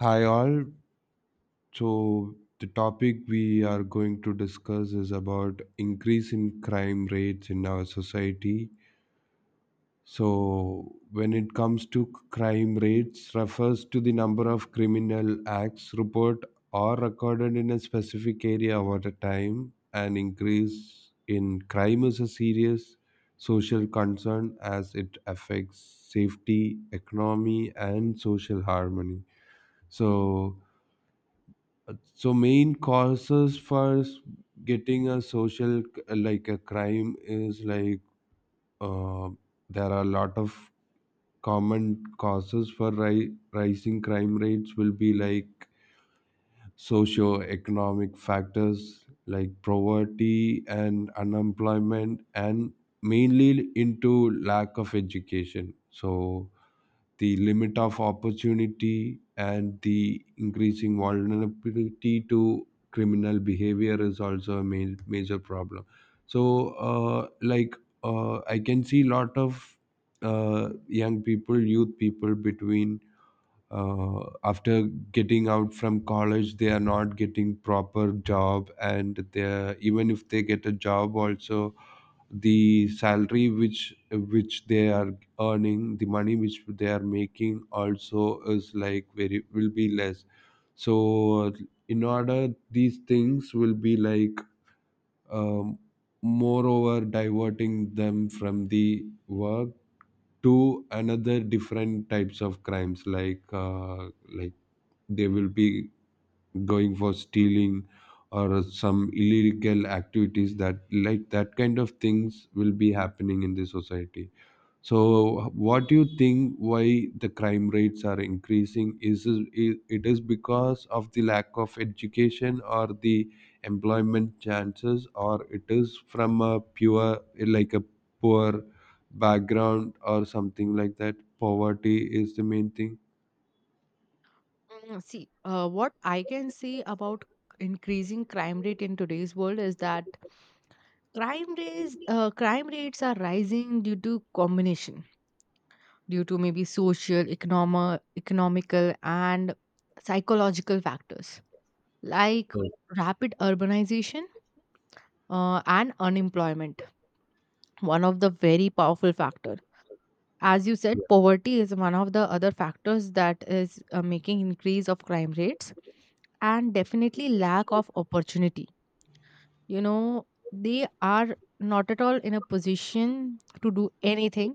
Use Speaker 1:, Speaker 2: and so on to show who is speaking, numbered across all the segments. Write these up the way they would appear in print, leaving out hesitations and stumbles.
Speaker 1: Hi all. So the topic we are going to discuss is about increase in crime rates in our society. So when it comes to crime rates refers to the number of criminal acts report or recorded in a specific area over the time. An increase in crime is a serious social concern as it affects safety, economy and social harmony. So So main causes for getting a social like a crime is like uh, there are a lot of common causes for rising crime rates will be like socio-economic factors like poverty and unemployment and mainly into lack of education. So the limit of opportunity and the increasing vulnerability to criminal behavior is also a major problem. So uh, like I can see lot of young people youth people between after getting out from college they are not getting proper job and they are even if they get a job also the salary which they are earning the money which they are making also is like very will be less. So in order these things will be like um, moreover diverting them from the work to another different types of crimes like they will be going for stealing or some illegal activities that like that kind of things will be happening in the society. So what do you think, why the crime rates are increasing? Is it it is because of the lack of education or the employment chances or it is from a pure like a poor background or something like that? Poverty is the main thing.
Speaker 2: What I can say about increasing crime rate in today's world is that crime rates are rising due to combination, due to maybe social, economical, and psychological factors like
Speaker 1: Correct.
Speaker 2: rapid urbanization and unemployment. One of the very powerful factors. As you said,
Speaker 1: Yeah.
Speaker 2: poverty is one of the other factors that is making increase of crime rates, and definitely lack of opportunity, you know, they are not at all in a position to do anything.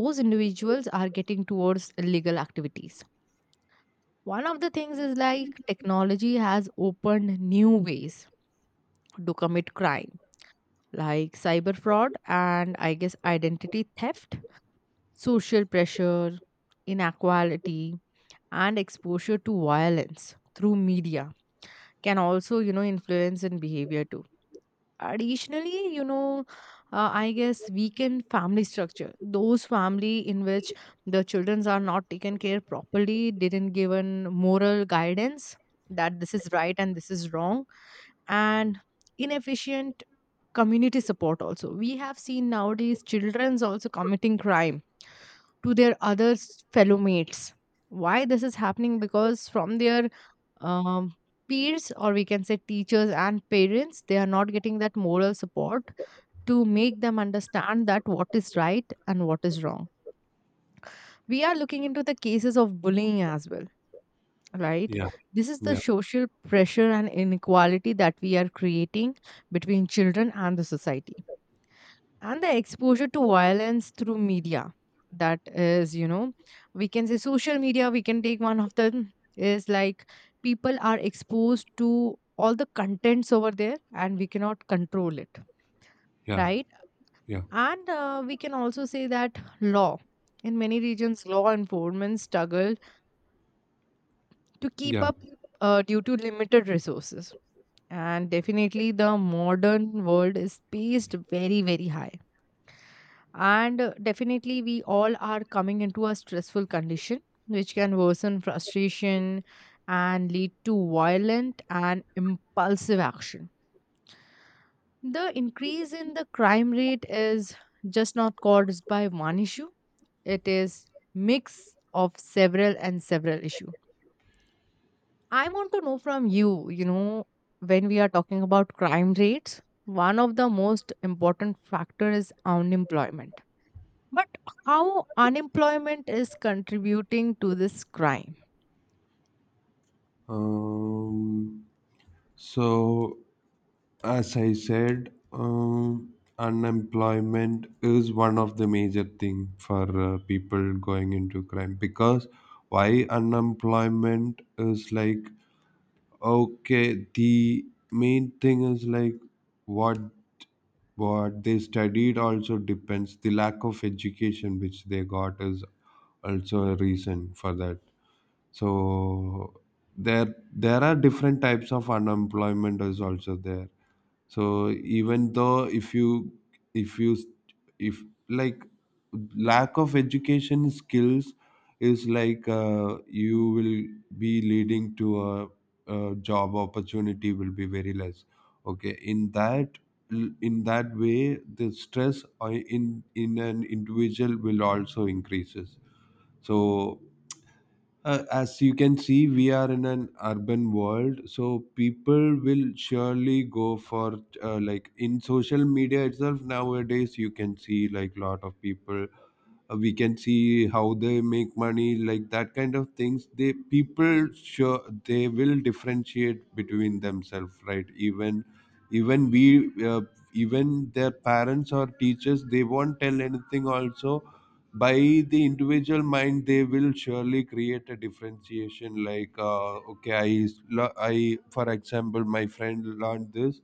Speaker 2: Those individuals are getting towards illegal activities. One of the things is like technology has opened new ways to commit crime, like cyber fraud and I guess identity theft, social pressure, inequality, and exposure to violence through media can also, you know, influence in behavior too. Additionally, you know, I guess weaken family structure, those family in which the children are not taken care properly, didn't given moral guidance that this is right and this is wrong, and inefficient community support. Also, we have seen nowadays children's also committing crime to their fellow mates. Why this is happening? Because from their um, peers, or we can say teachers and parents, they are not getting that moral support to make them understand that what is right and what is wrong. We are looking into the cases of bullying as well, right?
Speaker 1: Yeah,
Speaker 2: This is the
Speaker 1: yeah,
Speaker 2: social pressure and inequality that we are creating between children and the society, and the exposure to violence through media. That is, you know, we can say social media, we can take one of them, is like people are exposed to all the contents over there and we cannot control it,
Speaker 1: yeah,
Speaker 2: right? And we can also say that law, in many regions, law enforcement struggle to keep
Speaker 1: yeah.
Speaker 2: up due to limited resources. And definitely the modern world is paced very, very high. And definitely, we all are coming into a stressful condition, which can worsen frustration and lead to violent and impulsive action. The increase in the crime rate is just not caused by one issue, it is mix of several and several issue. I want to know from you, you know, when we are talking about crime rates, one of the most important factor is unemployment. But how unemployment is contributing to this crime?
Speaker 1: Um, so, as I said, unemployment is one of the major thing for people going into crime. Because why unemployment is like, okay, the main thing is like what what they studied also depends, the lack of education which they got is also a reason for that. So there are different types of unemployment is also there. So even though if you if you if like lack of education skills is like you will be leading to a job opportunity will be very less. Okay, in that, in that way the stress in an individual will also increases. So as you can see, we are in an urban world, so people will surely go for like in social media itself nowadays. You can see like lot of people we can see how they make money, like that kind of things, they people sure they will differentiate between themselves, right? Even even we even their parents or teachers they won't tell anything also. By the individual mind they will surely create a differentiation like okay, i, for example my friend learned this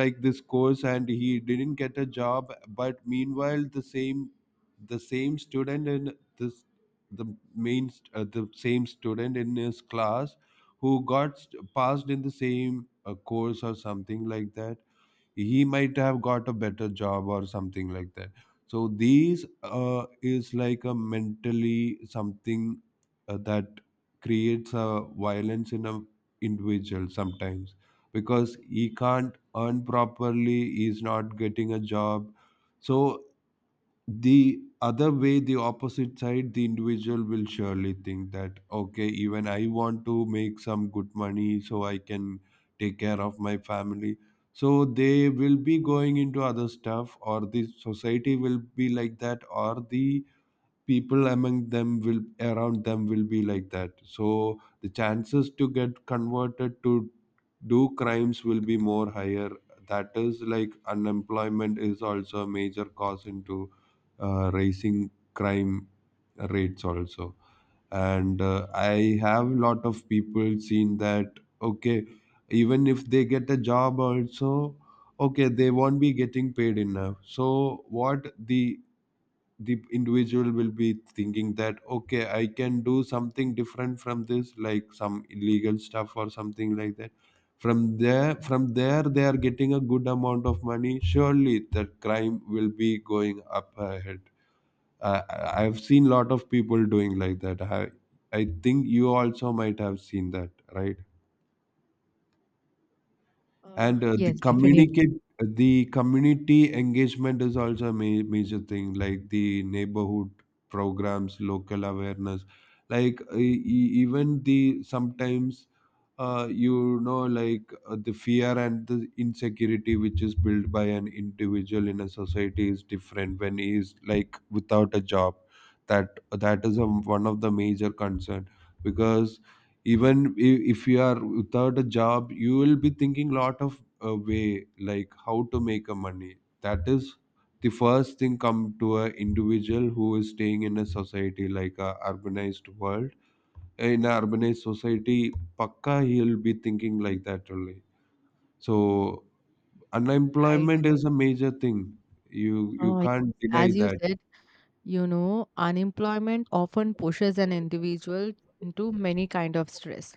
Speaker 1: like this course and he didn't get a job, but meanwhile the same, the same student in this, the the same student in his class who got passed in the same course or something like that, he might have got a better job or something like that. So these is like a mentally something that creates a violence in a individual sometimes because he can't earn properly, he's not getting a job. So the other way, the opposite side, the individual will surely think that okay, even I want to make some good money so I can take care of my family. So they will be going into other stuff, or the society will be like that, or the people among them will around them will be like that, so the chances to get converted to do crimes will be more higher. That is like unemployment is also a major cause into raising crime rates also. And I have lot of people seen that okay, even if they get a job also, okay they won't be getting paid enough, so what the individual will be thinking that okay I can do something different from this like some illegal stuff or something like that. From there, from there they are getting a good amount of money, surely the crime will be going up ahead. I've seen lot of people doing like that. I think you also might have seen that, right? And the
Speaker 2: Yes, definitely.
Speaker 1: communicate the community engagement is also a major thing, like the neighborhood programs, local awareness, like even the sometimes you know like the fear and the insecurity which is built by an individual in a society is different when he is like without a job. That is a, one of the major concern. Because if you are without a job you will be thinking lot of way like how to make a money. That is the first thing come to a individual who is staying in a society like a urbanized world, in a urbanized society. Pakka he'll be thinking like that only. So
Speaker 2: Right.
Speaker 1: unemployment is a major thing. You
Speaker 2: Yes,
Speaker 1: can't deny
Speaker 2: as you
Speaker 1: that.
Speaker 2: said, you know, unemployment often pushes an individual into many kind of stress.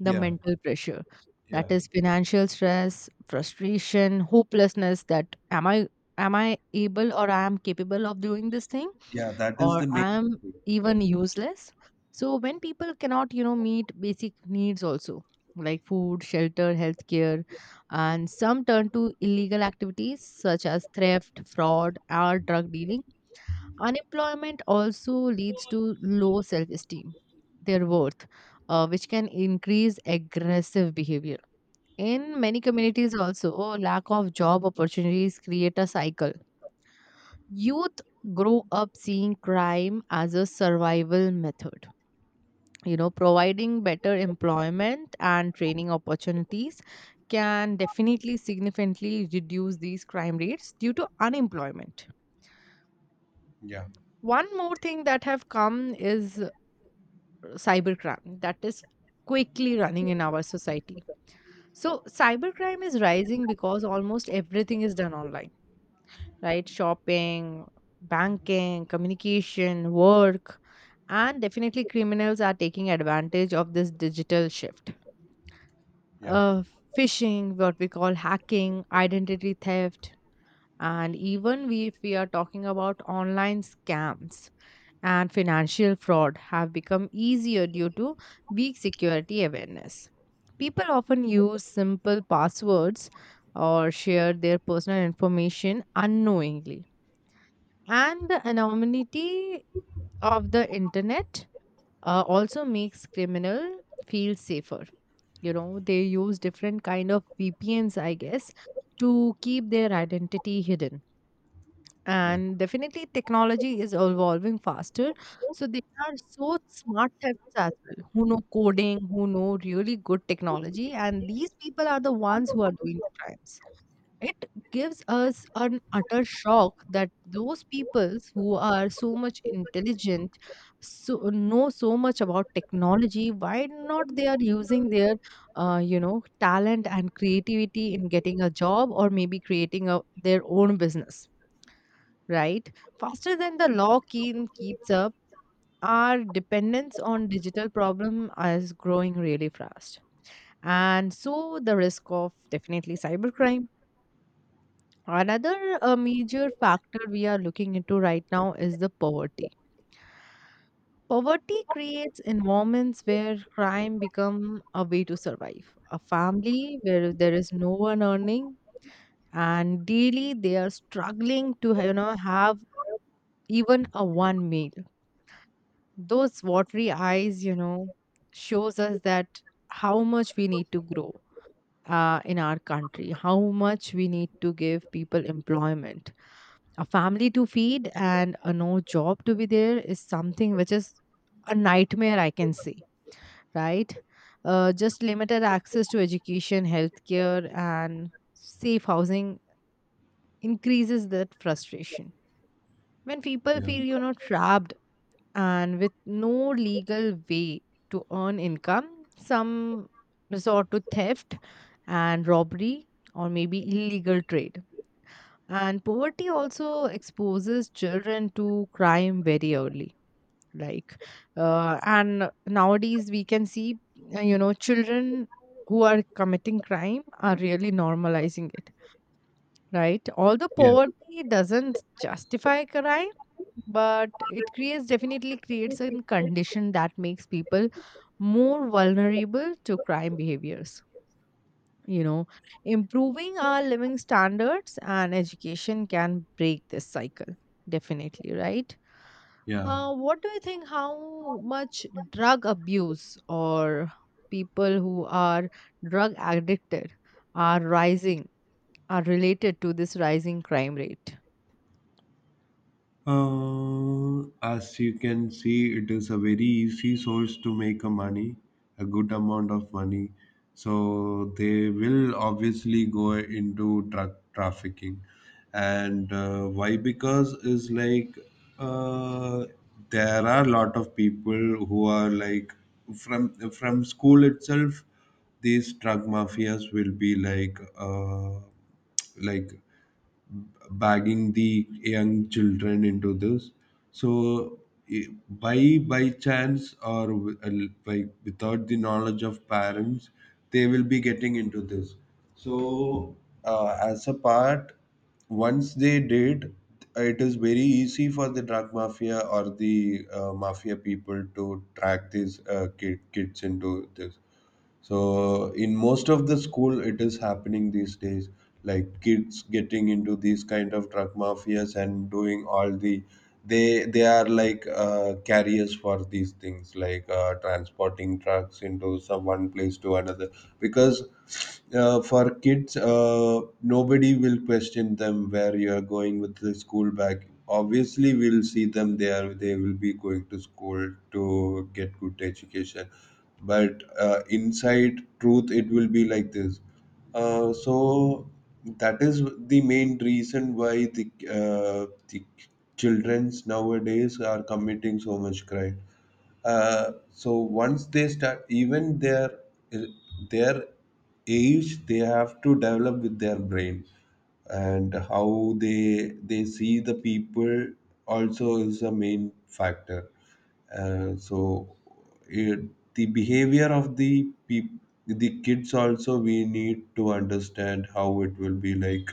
Speaker 2: The
Speaker 1: Yeah.
Speaker 2: mental pressure,
Speaker 1: Yeah,
Speaker 2: that is financial stress, frustration, hopelessness, that am I able, or I am capable of doing this thing,
Speaker 1: yeah, that is
Speaker 2: or
Speaker 1: the
Speaker 2: I am even useless. So when people cannot, you know, meet basic needs also like food, shelter, healthcare, and some turn to illegal activities such as theft, fraud, or drug dealing. Unemployment also leads to low self esteem, their worth, which can increase aggressive behavior. In many communities also, lack of job opportunities create a cycle. Youth grow up seeing crime as a survival method. You know, providing better employment and training opportunities can definitely significantly reduce these crime rates due to unemployment.
Speaker 1: main. Yeah.
Speaker 2: One more thing that have come is cybercrime, that is quickly running in our society. So cybercrime is rising because almost everything is done online, right? Shopping, banking, communication, work, and definitely criminals are taking advantage of this digital shift.
Speaker 1: Yeah,
Speaker 2: Uh, phishing, what we call hacking, identity theft, and even we, if we are talking about online scams and financial fraud, have become easier due to weak security awareness. People often use simple passwords or share their personal information unknowingly. And the anonymity of the internet also makes criminal feel safer. You know, they use different kind of VPNs, I guess, to keep their identity hidden,
Speaker 1: yeah,
Speaker 2: and definitely technology is evolving faster. So there are so smart types as well who know coding, who know really good technology, and these people are the ones who are doing the crimes. It gives us an utter shock that those peoples who are so much intelligent, so know so much about technology, why not they are using their you know talent and creativity in getting a job, or maybe creating a, their own business, right? Faster than the law keen keeps up, our dependence on digital problem is growing really fast. And so the risk of definitely cybercrime. Another major factor we are looking into right now is the poverty. Poverty creates environments where crime become a way to survive. A family where there is no one earning, and daily they are struggling to, you know, have even a one meal. Those watery eyes, you know, shows us that how much we need to grow in our country, how much we need to give people employment. A family to feed and a no job to be there is something which is a nightmare, I can say, right? Just limited access to education, healthcare, and safe housing increases that frustration. When people feel, you know, trapped, and with no legal way to earn income, some resort to theft and robbery, or maybe illegal trade. And poverty also exposes children to crime very early. Like, and nowadays we can see, you know, children who are committing crime are really normalizing it, right? Although poverty doesn't justify crime, but it creates, definitely creates a condition that makes people more vulnerable to crime behaviors. You know, improving our living standards and education can break this cycle, definitely, right?
Speaker 1: yeah.
Speaker 2: What do you think? How much drug abuse, or people who are drug addicted are rising, are related to this rising crime rate?
Speaker 1: As you can see, it is a very easy source to make a money, a good amount of money. So they will obviously go into drug trafficking. And why? Because is like uh, there are a lot of people who are like, from school itself these drug mafias will be like like bagging the young children into this. So i- by by chance or wi- uh, by without the knowledge of parents, they will be getting into this. So as a part, once they did, it is very easy for the drug mafia or the mafia people to track these kids into this. So in most of the school, it is happening these days. Like kids getting into these kind of drug mafias and doing all the, they are like carriers for these things, like transporting drugs into some one place to another. Because for kids, nobody will question them where you are going with the school bag. Obviously, we'll see them there. They will be going to school to get good education, but inside truth it will be like this. So that is the main reason why the childrens nowadays are committing so much crime. So once they start, even their age they have to develop with their brain, and how they see the people also is a main factor. uh, so it, the behavior of the kids also we need to understand how it will be like,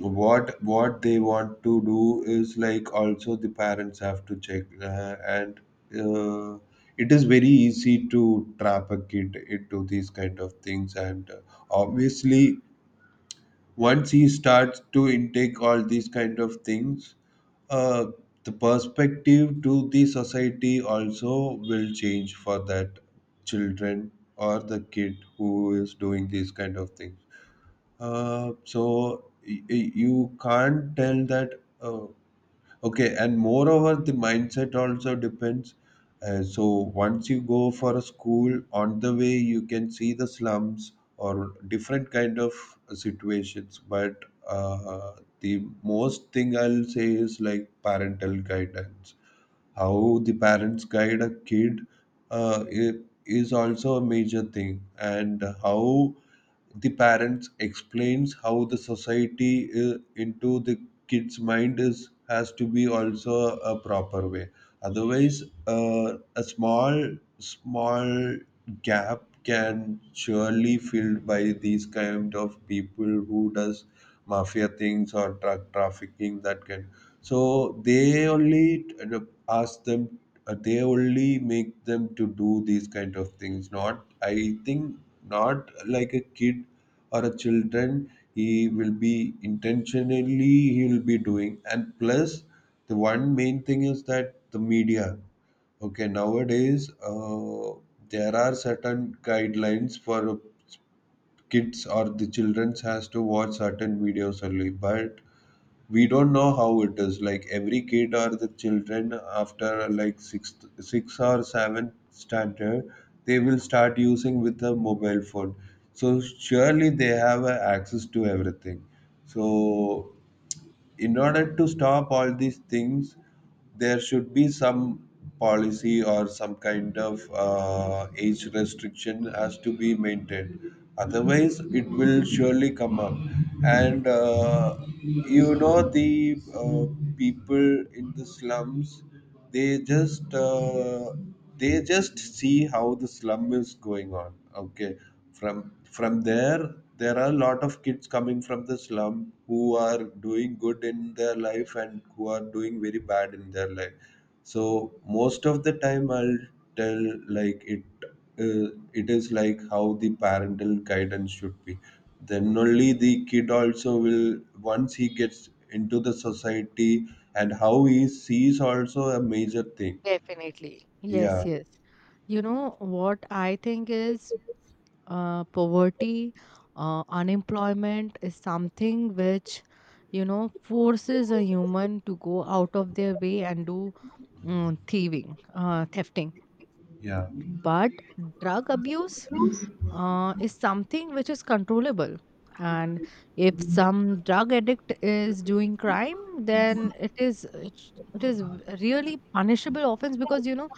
Speaker 1: what they want to do is like, also the parents have to check. And uh, it is very easy to trap a kid into these kind of things. And obviously once he starts to intake all these kind of things, uh, the perspective to the society also will change for that children or the kid who is doing these kind of things. You can't tell that. Uh, Okay, and moreover, the mindset also depends. So once you go for a school, on the way you can see the slums or different kind of situations. But the most thing I'll say is like parental guidance, how the parents guide a kid uh, i- is also a major thing. And how the parents explains how the society into the kid's mind is has to be also a proper way. Otherwise, uh, a small small gap can surely filled by these kind of people who does mafia things or drug trafficking that can. So they only uh, ask them, they only make them to do these kind of things. Not, I think, not like a kid or a children he will be intentionally he will be doing. And plus, the one main thing is that the media. Okay, nowadays there are certain guidelines for kids or the children has to watch certain videos only, but we don't know how it is. Like every kid or the children after like sixth six or seventh standard they will start using with a mobile phone, so surely they have access to everything. So in order to stop all these things, there should be some policy or some kind of age restriction has to be maintained. Otherwise, it will surely come up. And you know, the people in the slums, they just uh, they just see how the slum is going on. Okay, from from there there are a lot of kids coming from the slum who are doing good in their life and who are doing very bad in their life. So most of the time, I'll tell like it. It is like how the parental guidance should be. Then only the kid also will once he gets into the society, and how he sees also a major thing.
Speaker 2: Definitely. Yes,
Speaker 1: Yeah,
Speaker 2: yes. You know what I think is, poverty, unemployment is something which, you know, forces a human to go out of their way and do thieving, thefting.
Speaker 1: yeah,
Speaker 2: But drug abuse is something which is controllable. And if some drug addict is doing crime, then it is really punishable offense, because you know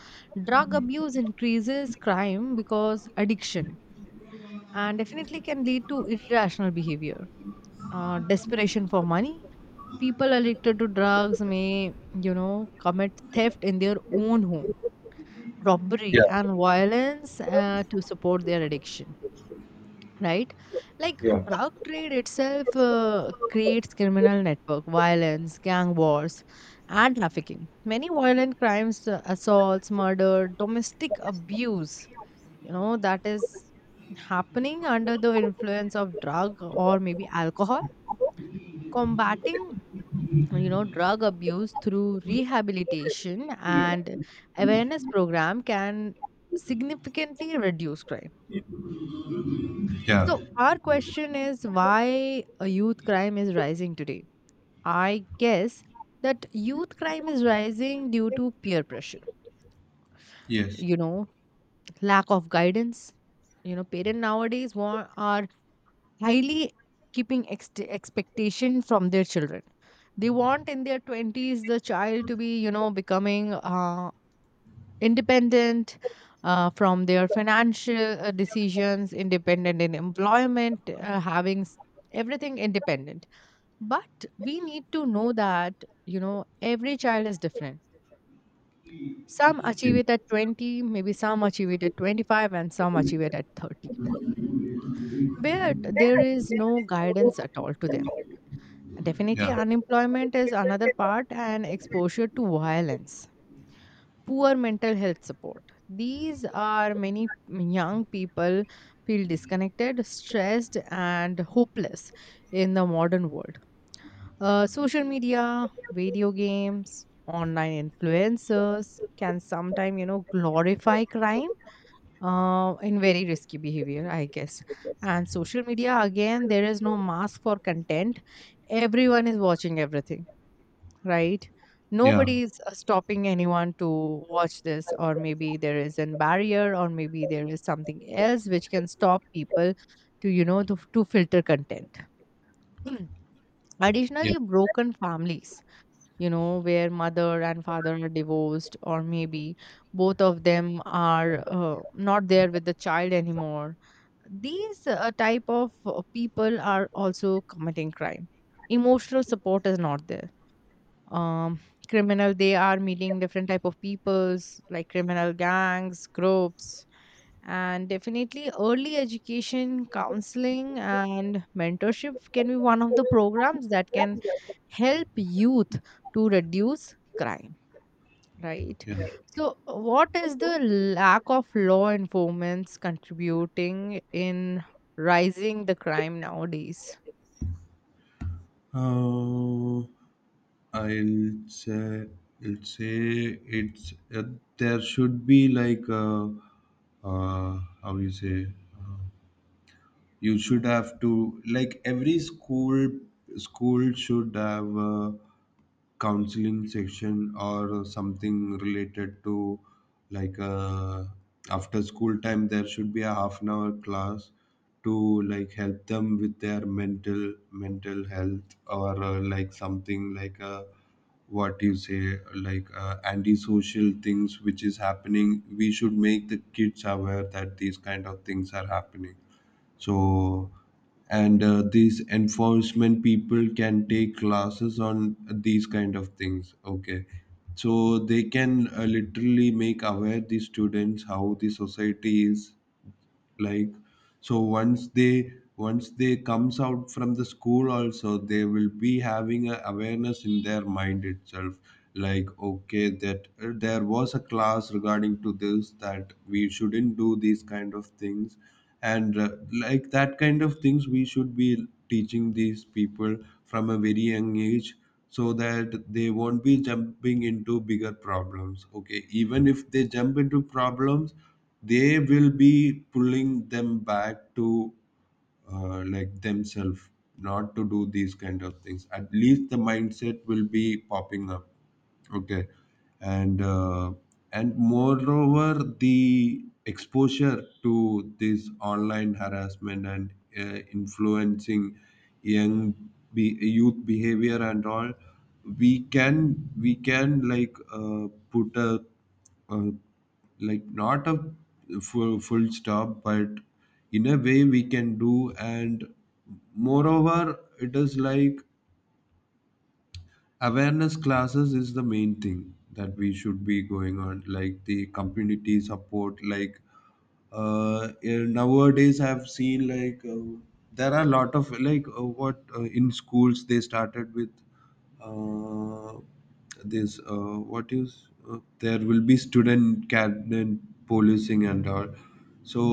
Speaker 2: drug abuse increases crime because addiction, and definitely can lead to irrational behavior, desperation for money. People addicted to drugs may, you know, commit theft in their own home,
Speaker 1: yeah,
Speaker 2: robbery, and violence to support their addiction, right? Like
Speaker 1: yeah,
Speaker 2: drug trade itself creates criminal network, violence, gang wars, and trafficking. Many violent crimes, assaults, murder, domestic abuse, you know, that is happening under the influence of drug or maybe alcohol. Combating, you know, drug abuse through rehabilitation and awareness program can significantly reduce crime.
Speaker 1: yeah.
Speaker 2: So our question is, why a youth crime is rising today. I guess that youth crime is rising due to peer pressure,
Speaker 1: Yes.
Speaker 2: you know, lack of guidance. You know, parents nowadays want, are highly keeping expectation from their children. They want in their 20s the child to be, you know, becoming independent from their financial decisions, independent in employment, everything independent. But we need to know that, you know, every child is different. Some achieve it at 20, maybe some achieve it at 25, and some achieve it at 30, where there is no guidance at all to them. Definitely,
Speaker 1: Yeah.
Speaker 2: unemployment is another part, and exposure to violence, poor mental health support. These are many young people feel disconnected, stressed, and hopeless in the modern world. Social media, video games, online influencers can sometimes, you know, glorify crime in very risky behavior, I guess. And social media, again, there is no mask for content. Everyone is watching everything, right?
Speaker 1: Yeah.
Speaker 2: Nobody is stopping anyone to watch this, or maybe there is a barrier, or maybe there is something else which can stop people to, you know, to filter content.
Speaker 1: Yeah.
Speaker 2: Additionally, broken families, you know, where mother and father are divorced, or maybe both of them are not there with the child anymore. These type of people are also committing crime. Emotional support is not there. um Criminal, they are meeting different type of peoples like criminal gangs, groups, and definitely early education, counseling, and mentorship can be one of the programs that can help youth to reduce crime, right?
Speaker 1: Yeah.
Speaker 2: So what is the lack of law enforcement contributing in rising the crime nowadays?
Speaker 1: Uh, I'll say, I'll say it's there should be like how you say uh, you should have to, like, every school should have a counseling section or something related to, like, after school time there should be a half an hour class to, like, help them with their mental health, or like something, like, what you say, like, antisocial things which is happening. We should make the kids aware that these kind of things are happening. So, and these enforcement people can take classes on these kind of things. Okay, so they can, literally make aware the students how the society is like. So once they comes out from the school also, they will be having a awareness in their mind itself, like, okay, that there was a class regarding to this, that we shouldn't do these kind of things. And like that kind of things we should be teaching these people from a very young age, so that they won't be jumping into bigger problems. Okay, even if they jump into problems, they will be pulling them back to, like, themselves, not to do these kind of things. At least the mindset will be popping up. Okay. And uh, and moreover, the exposure to this online harassment and influencing youth behavior and all, we can, like, put a uh, like, not a full stop, but in a way we can do. And moreover, it is like awareness classes is the main thing that we should be going on, like the community support. Like, nowadays I've seen, like, there are a lot of, like what in schools they started with uh, this what is there will be student cabinet policing and all. So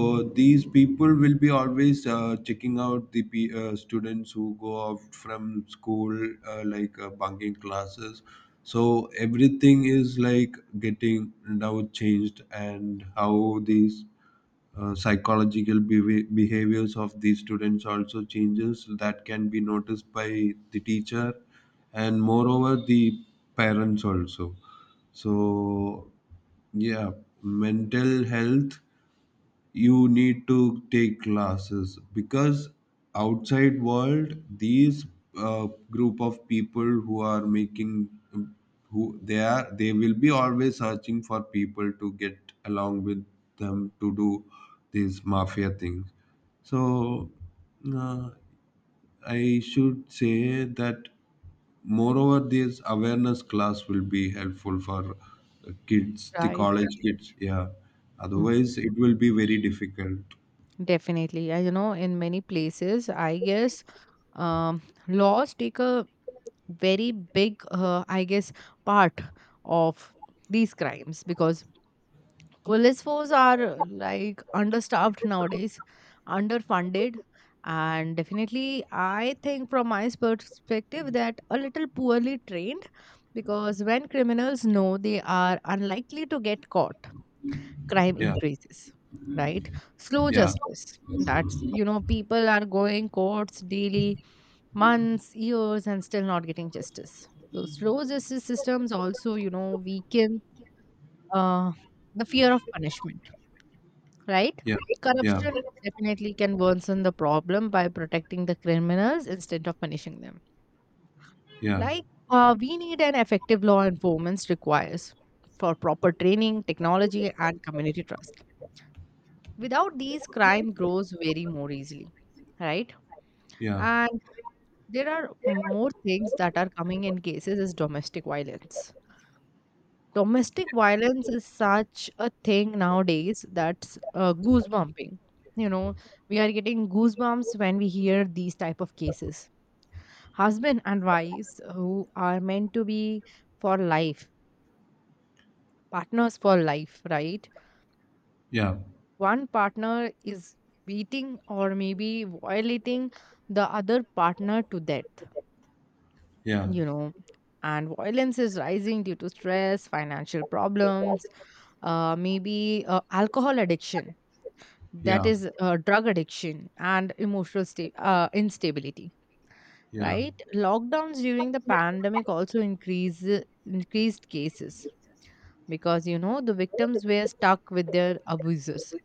Speaker 1: these people will be always, checking out the pe students who go off from school, like, bunking classes. So everything is like getting now changed, and how these psychological behaviors of these students also changes, that can be noticed by the teacher, and moreover the parents also. So yeah, mental health, you need to take classes, because outside world these group of people who are making who they are, they will be always searching for people to get along with them to do these mafia things. So, uh, I should say that moreover this awareness class will be helpful for kids, the
Speaker 2: Right.
Speaker 1: college kids. Yeah,
Speaker 2: Mm,
Speaker 1: otherwise it will be very difficult.
Speaker 2: definitely. I, you know, in many places, I guess, um, laws take a very big, I guess, part of these crimes, because police force are like understaffed nowadays, underfunded, and definitely, I think from my perspective, that a little poorly trained, because when criminals know they are unlikely to get caught, crime
Speaker 1: Yeah,
Speaker 2: increases, right? Slow
Speaker 1: yeah,
Speaker 2: justice. That's, you know, people are going courts daily, months, years, and still not getting justice. So slow justice systems also, you know, weaken uh, the fear of punishment, right?
Speaker 1: yeah, yeah,
Speaker 2: Corruption definitely can worsen the problem by protecting the criminals instead of punishing them. Like, we need an effective law enforcement requires for proper training, technology, and community trust. Without these, crime grows very more easily, right?
Speaker 1: yeah, yeah,
Speaker 2: And there are more things that are coming in cases is domestic violence. Domestic violence is such a thing nowadays that's goosebumping. You know, we are getting goosebumps when we hear these type of cases. Husband and wives who are meant to be for life, partners for life, right?
Speaker 1: yeah,
Speaker 2: One partner is beating or maybe violating the other partner to death,
Speaker 1: yeah,
Speaker 2: you know, and violence is rising due to stress, financial problems, maybe alcohol addiction, that
Speaker 1: yeah,
Speaker 2: is drug addiction, and instability,
Speaker 1: yeah,
Speaker 2: right? Lockdowns during the pandemic also increased cases, because you know the victims were stuck with their abusers,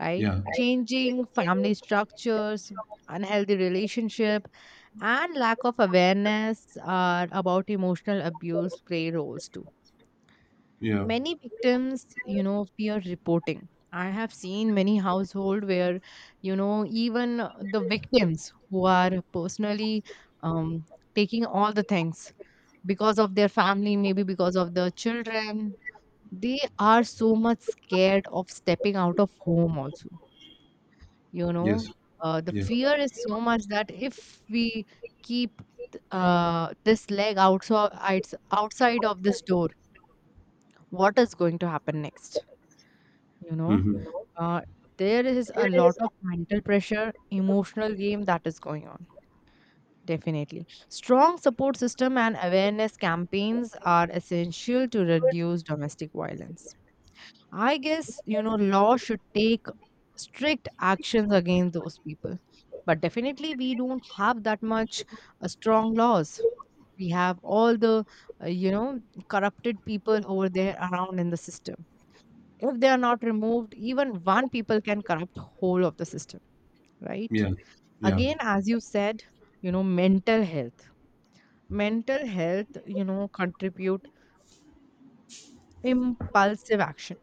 Speaker 2: right?
Speaker 1: yeah,
Speaker 2: Changing family structures, unhealthy relationship, and lack of awareness are about emotional abuse play roles too.
Speaker 1: yeah,
Speaker 2: Many victims, you know, fear reporting. I have seen many household where, you know, even the victims who are personally um, taking all the things because of their family, maybe because of the children, they are so much scared of stepping out of home also, you know.
Speaker 1: yes,
Speaker 2: The
Speaker 1: yes.
Speaker 2: fear is so much that, if we keep this leg outside, outside of this door, what is going to happen next, you know.
Speaker 1: Mm-hmm.
Speaker 2: Uh, there is a lot of mental pressure, emotional game that is going on. Definitely. Strong support system and awareness campaigns are essential to reduce domestic violence. I guess, you know, law should take strict actions against those people. But definitely, we don't have that much strong laws. We have all the, you know, corrupted people over there around in the system. If they are not removed, even one people can corrupt whole of the system, right?
Speaker 1: Yeah, yeah.
Speaker 2: Again, as you said, you know, mental health. Mental health, you know, contribute impulsive action,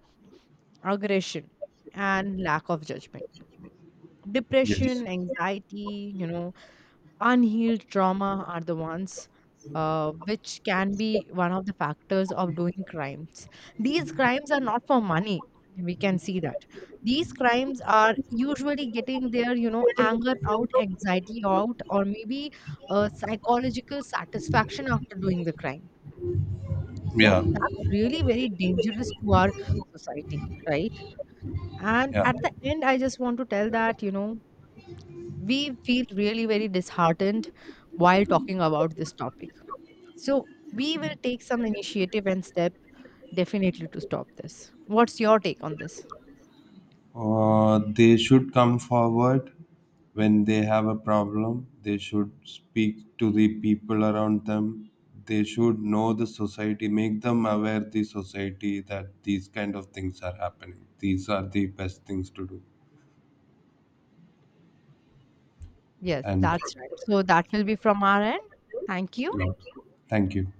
Speaker 2: aggression, and lack of judgment.
Speaker 1: Yes.
Speaker 2: Depression, anxiety, you know, unhealed trauma are the ones which can be one of the factors of doing crimes. These crimes are not for money. We can see that. These crimes are usually getting their, you know, anger out, anxiety out, or maybe a psychological satisfaction after doing the crime. So
Speaker 1: Yeah.
Speaker 2: that's really very dangerous to our society, right? And
Speaker 1: Yeah.
Speaker 2: at the end, I just want to tell that, you know, we feel really very disheartened while talking about this topic. So we will take some initiative and step definitely to stop this. What's your take on this?
Speaker 1: They should come forward when they have a problem. They should speak to the people around them. They should know the society, make them aware the society that these kind of things are happening. These are the best things to do.
Speaker 2: Yes,
Speaker 1: And
Speaker 2: that's right. So that will be from our end. Thank you.
Speaker 1: yeah. Thank you.